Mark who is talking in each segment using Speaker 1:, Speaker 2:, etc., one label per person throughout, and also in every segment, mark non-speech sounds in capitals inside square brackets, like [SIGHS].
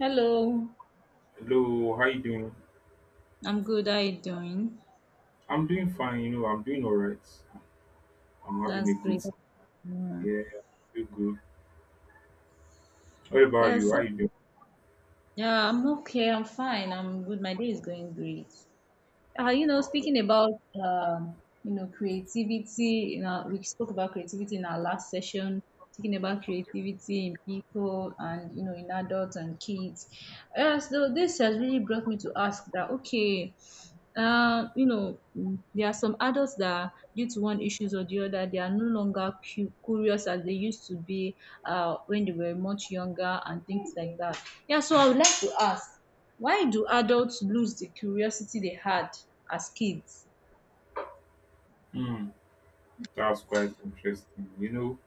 Speaker 1: Hello,
Speaker 2: Hello, how you doing?
Speaker 1: I'm good. How you doing?
Speaker 2: I'm doing fine, you know, I'm doing all right. I'm having
Speaker 1: That's
Speaker 2: a good,
Speaker 1: great. Yeah.
Speaker 2: yeah, I feel good. What about
Speaker 1: Yeah,
Speaker 2: you? How
Speaker 1: so
Speaker 2: you doing?
Speaker 1: yeah, I'm okay. I'm fine. I'm good. My day is going great.
Speaker 2: All right.
Speaker 1: Speaking about creativity, you know, we spoke about creativity in our last session. Speaking about creativity in people and, you know, in adults and kids. So this has really brought me to ask that, okay, there are some adults that, due to one issues or the other, they are no longer curious as they used to be when they were much younger and things like that. Yeah, so I would like to ask: why do adults lose the curiosity they had as kids?
Speaker 2: Hmm, that's quite interesting. You know,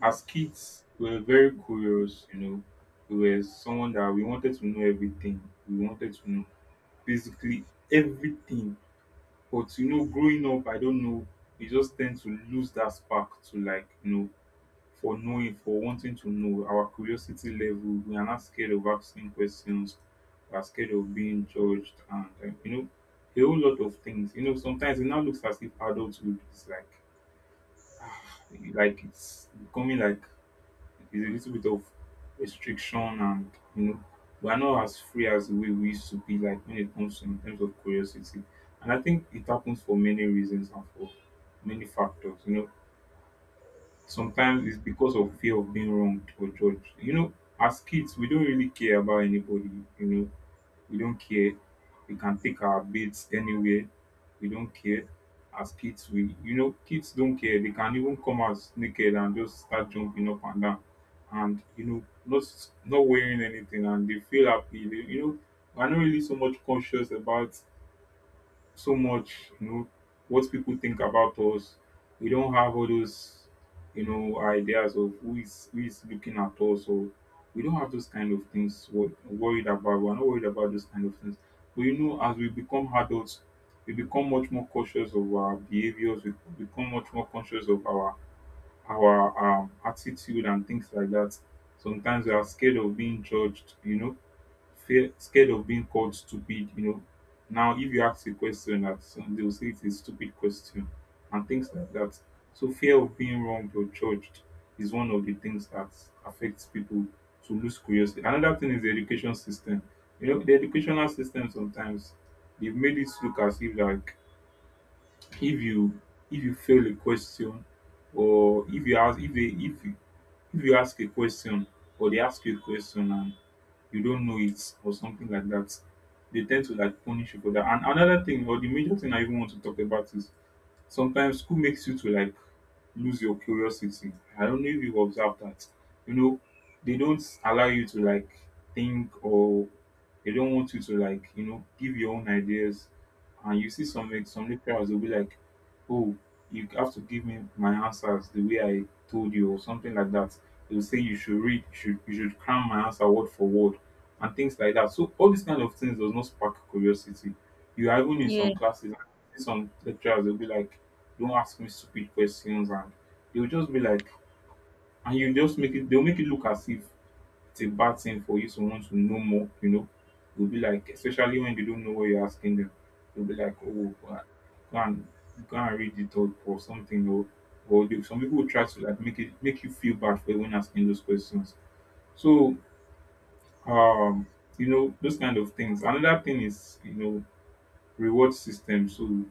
Speaker 2: as kids, we were very curious, you know. We were someone that we wanted to know everything. We wanted to know basically everything. But, you know, growing up, I don't know, we just tend to lose that spark to like, you know, for knowing, for wanting to know, our curiosity level, we are not scared of asking questions, we are scared of being judged, and you know, a whole lot of things. You know, sometimes it now looks as if adulthood is like, [SIGHS] ah, like it's becoming like it's a little bit of restriction, and you know, we are not as free as the way we used to be, like when it comes to in terms of curiosity. And I think it happens for many reasons and for many factors, you know. Sometimes it's because of fear of being wronged or judged. You know, as kids, we don't really care about anybody. You know, we don't care. We can take our baits anywhere. We don't care. As kids, we, you know, kids don't care. They can even come out naked and just start jumping up and down, and you know, not wearing anything, and they feel happy. They, you know, we're not really so much conscious about so much, you know, what people think about us. We don't have all those, you know, ideas of who is looking at us. So we don't have those kind of things worried about. We're not worried about those kind of things. But you know, as we become adults, we become much more cautious of our behaviors. We become much more conscious of our attitude and things like that. Sometimes we are scared of being judged, you know, fear scared of being called stupid, you know. Now, if you ask a question that they will say it's a stupid question and things like that. So, fear of being wronged or judged is one of the things that affects people to lose curiosity. Another thing is the education system. You know, the educational system sometimes they've made it look as if like if you if you fail a question or if you ask if they if you ask a question or they ask you a question and you don't know it or something like that. They tend to like punish you for that. And another thing, or the major thing I even want to talk about is sometimes school makes you to like lose your curiosity. I don't know if you've observed that. You know, they don't allow you to like think or they don't want you to like, you know, give your own ideas. And you see some like, some lecturers will be like, "Oh, you have to give me my answers the way I told you" or something like that. They will say you should read, you should cram my answer word for word and things like that. So all these kind of things does not spark curiosity. You are even in
Speaker 1: Yeah,
Speaker 2: some classes, some lecturers will be like, "Don't ask me stupid questions," and they'll just be like, and you just make it, they'll make it look as if it's a bad thing for you to want to know more, you know. You'll be like, especially when they don't know what you're asking them, they'll be like, "Oh, go and go and read it up" or something, or they, some people will try to like make it make you feel bad for when asking those questions. So um you know those kind of things. Another thing is, you know, reward system. So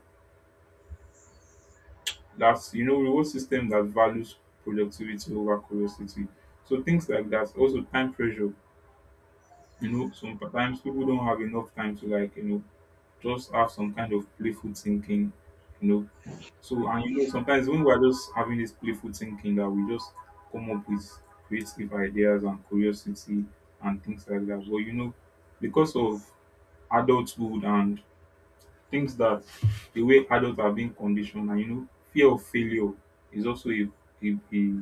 Speaker 2: that's, you know, reward system that values productivity over curiosity, so things like that. Also time pressure, you know, sometimes people don't have enough time to like, you know, just have some kind of playful thinking, you know. So, and you know, sometimes when we're just having this playful thinking that we just come up with creative ideas and curiosity and things like that. But you know, because of adulthood and things, that the way adults are being conditioned, and you know, fear of failure is also a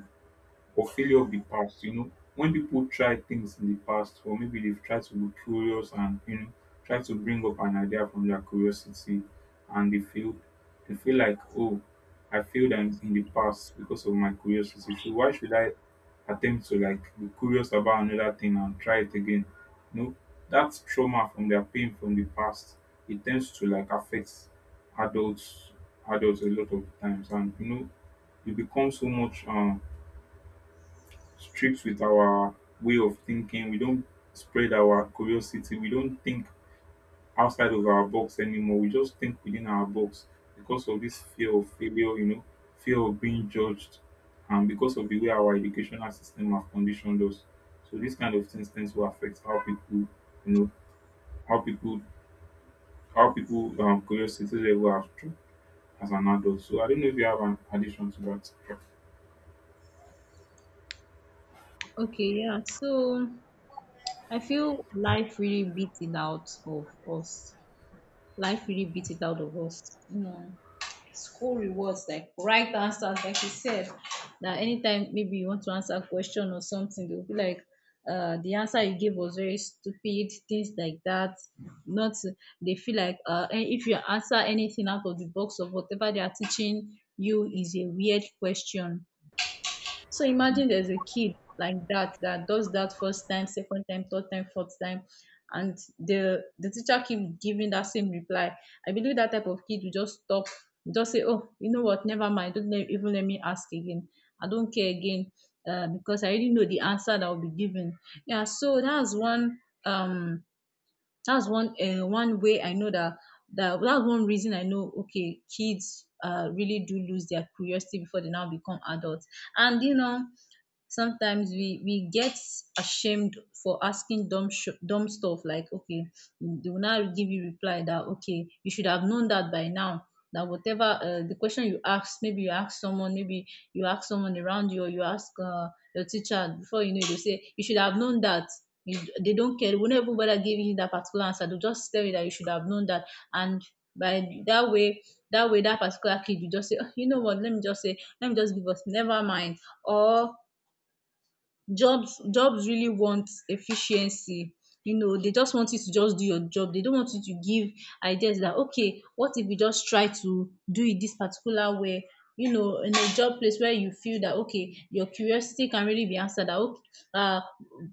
Speaker 2: or failure of the past. You know, when people try things in the past, or maybe they've tried to be curious and you know, try to bring up an idea from their curiosity, and they feel, they feel like, oh, I failed in the past because of my curiosity. So why should I attempt to like be curious about another thing and try it again? You know, that trauma from their pain from the past, it tends to like affect adults adults a lot of times. And you know, you become so much strict with our way of thinking. We don't spread our curiosity. We don't think outside of our box anymore. We just think within our box because of this fear of failure, you know, fear of being judged, and because of the way our educational system have conditioned us. So these kind of things tends to affect how people, you know, how people, how people curiosity level are true as an adult. So I don't know if you have an addition to that.
Speaker 1: okay, yeah. So I feel life really beat it out of us. Life really beat it out of us. You know, school rewards like right answers, like you said, that anytime maybe you want to answer a question or something, they'll be like, the answer you gave was very stupid, things like that. Not, they feel like, and if you answer anything out of the box of whatever they are teaching you, is a weird question. So imagine there's a kid like that that does that first time, second time, third time, fourth time, and the teacher keep giving that same reply. I believe that type of kid will just stop, just say, "Oh, you know what? Never mind. Don't let, even let me ask again. I don't care again, because I already know the answer that I'll be given." Yeah. So that's one, um one way I know that, that's one reason I know, okay, kids really do lose their curiosity before they now become adults. And you know, sometimes we get ashamed for asking dumb dumb stuff, like okay, they will now give you reply that, okay, you should have known that by now, that whatever, the question you ask, maybe you ask someone, maybe you ask someone around you, or you ask, your teacher, before you know it, they say you should have known that. You, they don't care, they will not even bother giving you that particular answer, they'll just tell you that you should have known that. And by that way, that way, that particular kid, you just say, "Oh, you know what, let me just say, let me just give us, never mind." Or jobs, jobs really want efficiency, you know, they just want you to just do your job, they don't want you to give ideas that, okay, what if we just try to do it this particular way? You know, in a job place, where you feel that, okay, your curiosity can really be answered, that okay, uh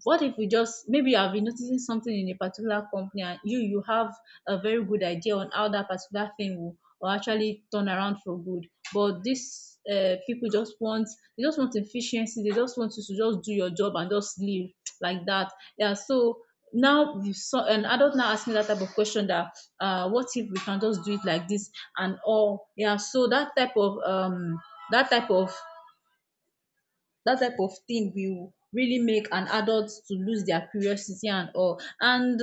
Speaker 1: what if we just, maybe you have been noticing something in a particular company and you have a very good idea on how that particular thing will actually turn around for good, but dis, pipu just want, dey just want efficiency, dey just want you to just do your job and just leave like dat. Yeah, so now you saw an adult now ask me dat type of question, dat, what if we can just do it like dis and all? Yeah, so dat type of, dat type of dat type of thing will really make an adult to lose dia curiosity and all. And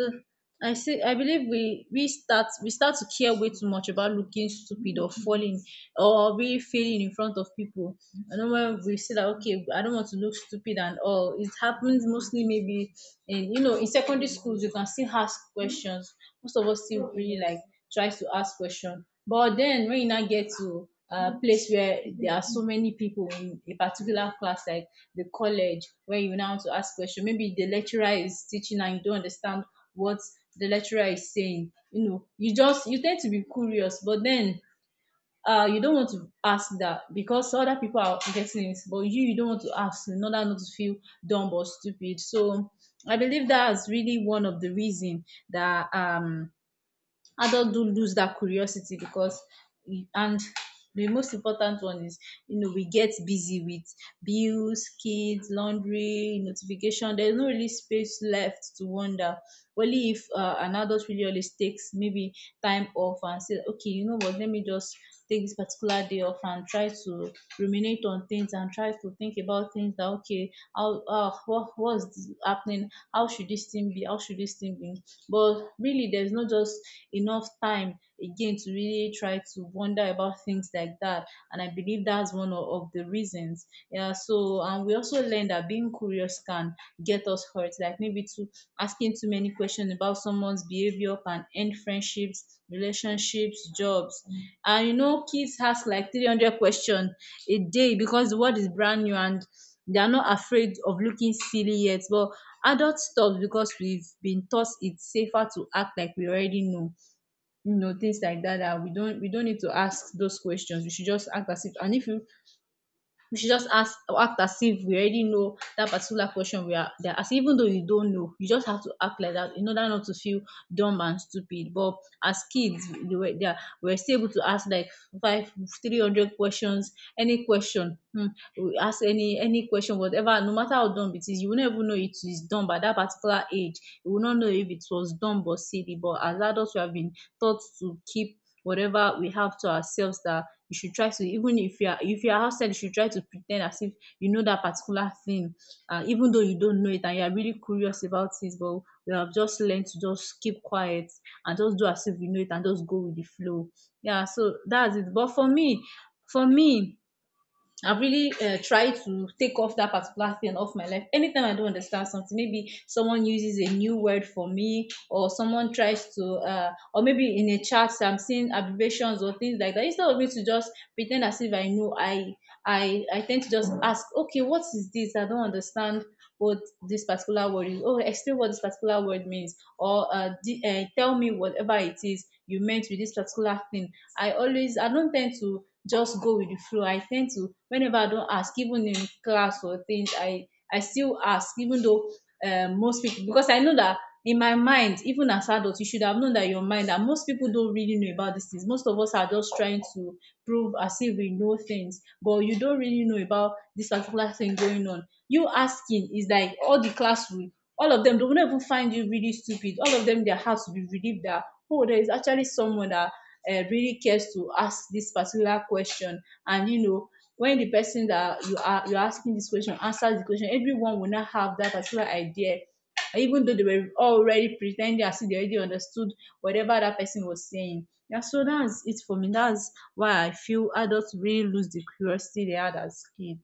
Speaker 1: I say I believe we start to care way too much about looking stupid or falling or really failing in front of people. I know when we say that, okay, I don't want to look stupid and all. It happens mostly maybe in, you know, in secondary schools you can still ask questions. Most of us still really like tries to ask questions. But then when you now get to a place where there are so many people in a particular class, like the college, where you now want to ask question, maybe the lecturer is teaching and you don't understand what the lecturer is saying. You know, you just you tend to be curious, but then you don't want to ask that because other people are getting it, but you don't want to ask in order not to feel dumb or stupid. So I believe that is really one of the reason that, adults do lose that curiosity because, and the most important one is, you know, we get busy with bills, kids, laundry, notification, there's no really space left to wonder. Only if, an adult really always takes, maybe time off and says, okay, you know what, let me just take this particular day off and try to ruminate on things and try to think about things, that okay, how, what's happening, how should this thing be, how should this thing be. But really there's no just enough time again to really try to wonder about things like that. And I believe that's of the reasons. Yeah. So, and we also learn that being curious can get us hurt. Like maybe to asking too many questions about someone's behavior can end friendships, relationships, jobs. And you know, kids ask like 300 questions a day because the world is brand new and they are not afraid of looking silly yet. But adults stop because we've been taught it's safer to act like we already know, you know, things like that, that we don't need to ask those questions, we should just act as if. And if you, we should just ask act as if we already know that particular question, we are there as, even though you don't know, you just have to act like that in order not to feel dumb and stupid. But as kids, they were there we were still able to ask like 5, 300 questions, any question. Hmm, we ask any question, whatever, no matter how dumb it is, you will not even know it is dumb at that particular age, you will not know if it was dumb or silly. But as adults, we have been taught to keep whatever we have to ourselves, that you should try to, even if you are outside, you should try to pretend as if you know that particular thing, even though you don't know it and you are really curious about it. But we have just learned to just keep quiet and just do as if we know it and just go with the flow. Yeah, so that's it. But for me For me, I've really tried to take off that particular thing off my life. Anytime I don't understand something, maybe someone uses a new word for me, or someone tries to, or maybe in a chat I'm seeing abbreviations or things like that, instead of me to just pretend as if I know, I I tend to just ask, okay, what is this? I don't understand what this particular word is. Oh, explain what this particular word means, or tell me whatever it is you meant with this particular thing. I don't tend to just go with the flow. I tend to, whenever I don't ask, even in class or things, I still ask, even though, most people, because I know that in my mind, even as adults, you should have known that, your mind, that most people don't really know about these things. Most of us are just trying to prove as if we know things, but you don't really know about this particular thing going on. You asking is like all the classroom, all of them, they will not even find you really stupid. All of them, their hearts will be relieved that, oh, there is actually someone that, really cares to ask this particular question. And, you know, when the person that you're asking this question answers the question, everyone will not have that particular idea, even though they were already pretending as if they already understood whatever that person was saying. Yeah, so that's it for me. That's why I feel adults really lose the curiosity they had as kids.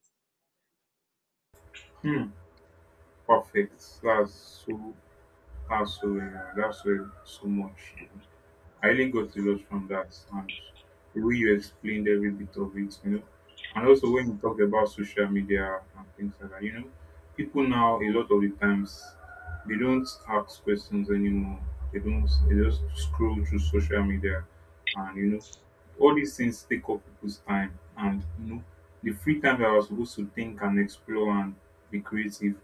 Speaker 2: Hmm. Perfect. That's so. And so that's where so much. I really got a lot from that, and the way you explained every bit of it, you know. And also when you talk about social media and things like that, you know, people now a lot of the times they don't ask questions anymore. They don't, they just scroll through social media, and you know, all these things take up people's time. And you know, the free time that I was supposed to think and explore and be creative,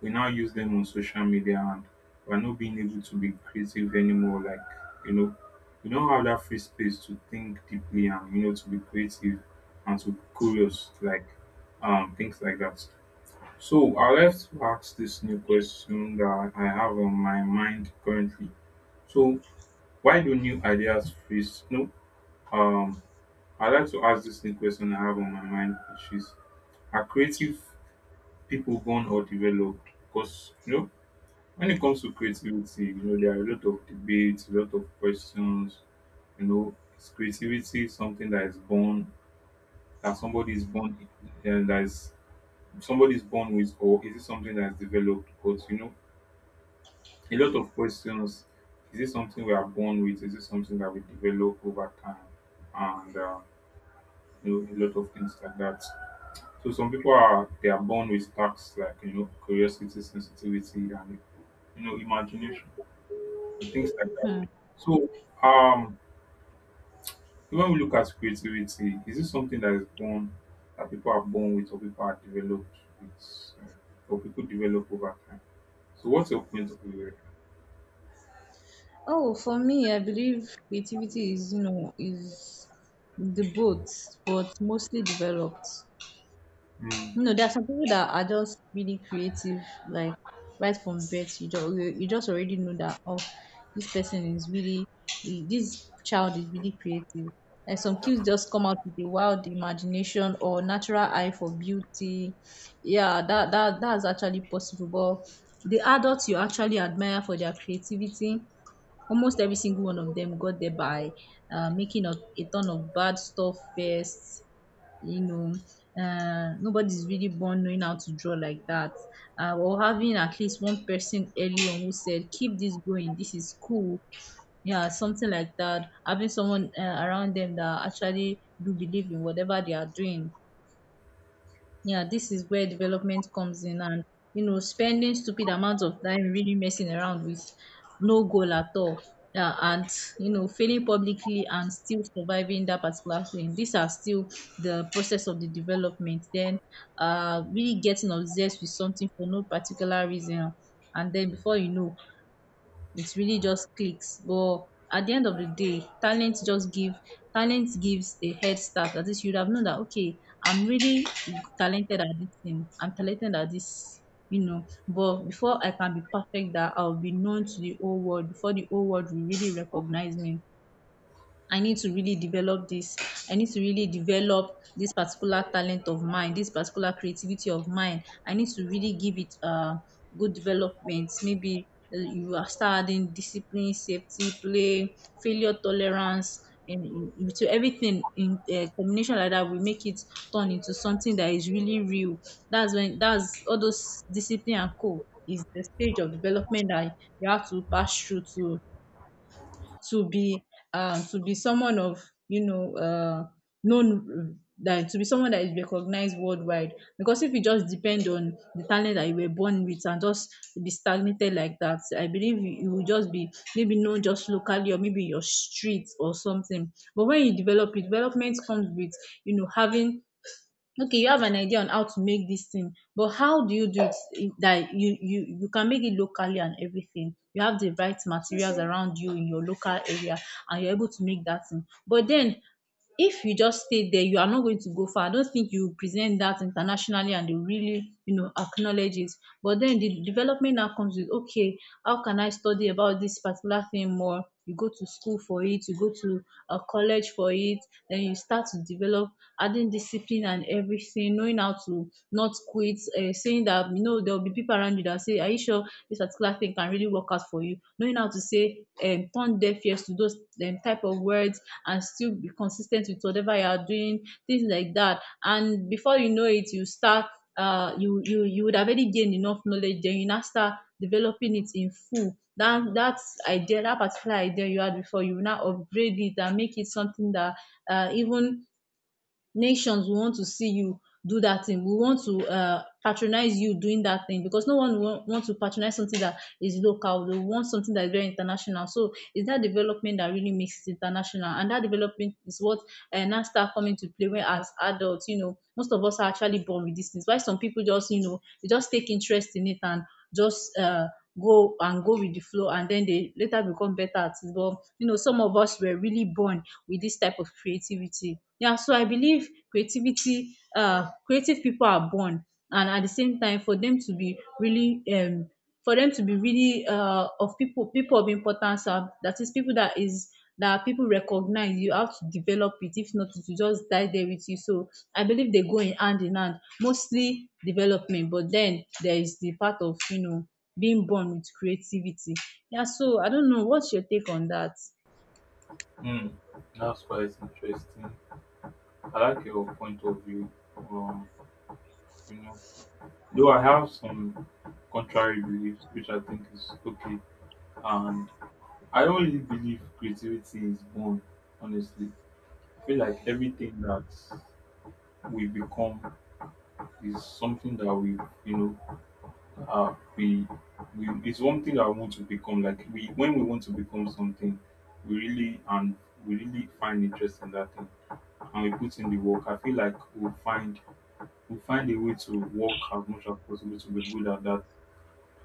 Speaker 2: we now use them on social media, and we're not being able to be creative anymore. Like, you know, we don't have that free space to think deeply and you know to be creative and to be curious, like things like that. So I would like to ask this new question that I have on my mind currently. So why do new ideas freeze? No, um I'd like to ask this new question I have on my mind, which is are creative people born or developed? Because you know, when it comes to creativity, you know, there are a lot of debates, a lot of questions. You know, is creativity something that is born, that somebody is born and that is somebody is born with, or is it something that is developed? Because you know, a lot of questions. Is it something we are born with? Is it something that we develop over time? And you know, a lot of things like that. So some people, are they are born with tasks like you know curiosity, sensitivity, and you know imagination and things like that.
Speaker 1: Hmm.
Speaker 2: So um, when we look at creativity, is this something that is born, that people are born with, or people are developed with, uh, or people develop over time? So what's your point of view here?
Speaker 1: Oh, for me, I believe creativity is, you know, is the both, but mostly developed.
Speaker 2: Mm.
Speaker 1: No, there are some people that are just really creative, like right from birth, you just you you just already know that, oh, this person is really this child is really creative. And some kids just come out with a wild imagination or natural eye for beauty. Yeah, that's actually possible. But the adults you actually admire for their creativity, almost every single one of them got there by making a ton of bad stuff first you know Nobody's really born knowing how to draw like that, or having at least one person early on who said, keep this going, this is cool. Yeah, something like that, having someone around them that actually do believe in whatever they are doing. Yeah, this is where development comes in, and, you know, spending stupid amounts of time really messing around with no goal at all. Yeah, and, you know, failing publicly and still surviving that particular thing. These are still the process of the development. Then really getting obsessed with something for no particular reason. And then before you know, it really just clicks. But at the end of the day, talent gives a head start. At least you'd have known that, okay, I'm really talented at this thing. I'm talented at this, you know. But before I can be perfect, that I'll be known to the whole world. Before the whole world will really recognize me, I need to really develop this. I need to really develop this particular talent of mine, this particular creativity of mine. I need to really give it good development. Maybe you are starting discipline, safety, play, failure tolerance, and to everything in a combination like that will make it turn into something that is really real. That's when, that's all those discipline and co is the stage of development that you have to pass through to be to be someone of, you know, known, that to be someone that is recognized worldwide. Because if you just depend on the talent that you were born with and just be stagnated like that, I believe you, you will just be maybe known just locally, or maybe your street or something. But when you develop it, development comes with, you know, having, okay, you have an idea on how to make this thing, but how do you do it that you can make it locally and everything. You have the right materials around you in your local area, and you're able to make that thing. But then if you just stay there, you are not going to go far. I don't think you present that internationally and they really, you know, acknowledge it. But then the development now comes with, okay, how can I study about this particular thing more? You go to school for it, you go to a college for it, then you start to develop, adding discipline and everything, knowing how to not quit, saying that, you know, there will be people around you that say, are you sure this particular thing can really work out for you. Knowing how to say, turn deaf ears to those type of words, and still be consistent with whatever you are doing, things like that. And before you know it, you start you would have already gained enough knowledge. Then you now start developing it in full. That idea, that particular idea you had before, you will now upgrade it and make it something that, even nations will want to see you do that thing. We want to, patronize you doing that thing, because no one will want to patronize something that is local. They want something that is very international. So it's that development that really makes it international, and that development is what now start coming to play when as adults. You know, most of us are actually born with these things. Why some people just, you know, they just take interest in it and just go and go with the flow, and then they later become better at it. But you know, some of us were really born with this type of creativity. Yeah, so I believe creativity, creative people are born, and at the same time, for them to be really for them to be really of people of importance, are, that is people that is, that people recognize, you have to develop it. If not, it will just die there with you. So I believe they go in hand in hand, mostly development, but then there is the part of, you know, being born with creativity. Yeah, so I don't know what's your take on that.
Speaker 2: Mm. That's quite interesting. I like your point of view. Um, you know, though I have some contrary beliefs, which I think is okay. And I don't really believe creativity is born, honestly. I feel like everything that we become is something that you know, uh, we, we, it's one thing that we want to become. Like we, when we want to become something, we really and we really find interest in that thing, and we put in the work. I feel like we'll find a way to work as much as possible to be good at that.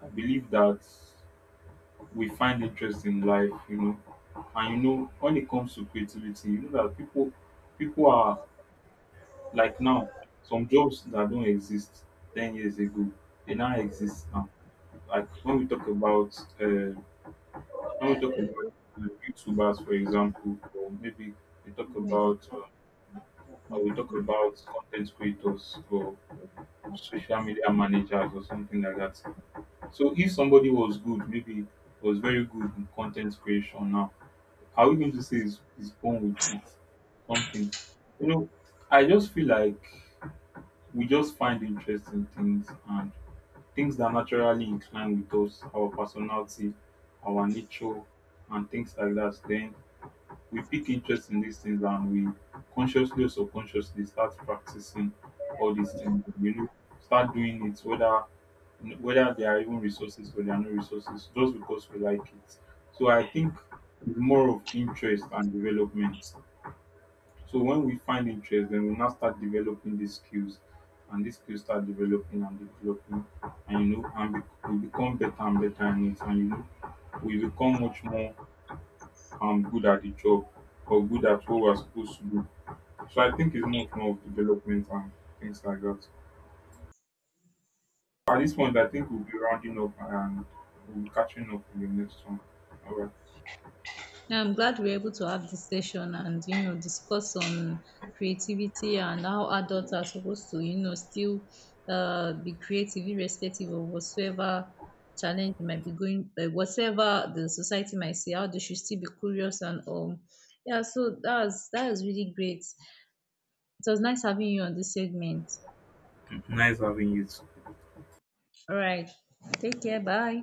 Speaker 2: I believe that we find interest in life, you know. And you know, when it comes to creativity, you know that people are like now, some jobs that don't exist 10 years ago, they now exist now. Like when we talk about when we talk about YouTubers, for example, or maybe we talk about or we talk about content creators or social media managers or something like that. So if somebody was good, maybe was very good in content creation now, are we going to say he's born with it? Something. You know, I just feel like we just find interesting things and things that are naturally incline with us, our personality, our nature, and things like that. Then we pick interest in these things, and we consciously or subconsciously start practicing all these things. You know, start doing it whether there are even resources or there are no resources, just because we like it. So I think it's more of interest and development. So when we find interest, then we now start developing these skills, and these skills start developing and developing, and you know, and we become better and better in it, and you know, we become much more, I'm good at the job or good at what we're supposed to do. So I think it's much more of development and things like that. At this point, I think we'll be rounding up and we'll be catching up in the next one. All right.
Speaker 1: Yeah, I'm glad we're able to have this session and, you know, discuss on creativity and how adults are supposed to, you know, still be creative irrespective of whatsoever challenge they might be going, whatever the society might see, how they should still be curious. And yeah, so that was, really great. It was nice having you on this segment.
Speaker 2: Nice having you too.
Speaker 1: All right, take care, bye.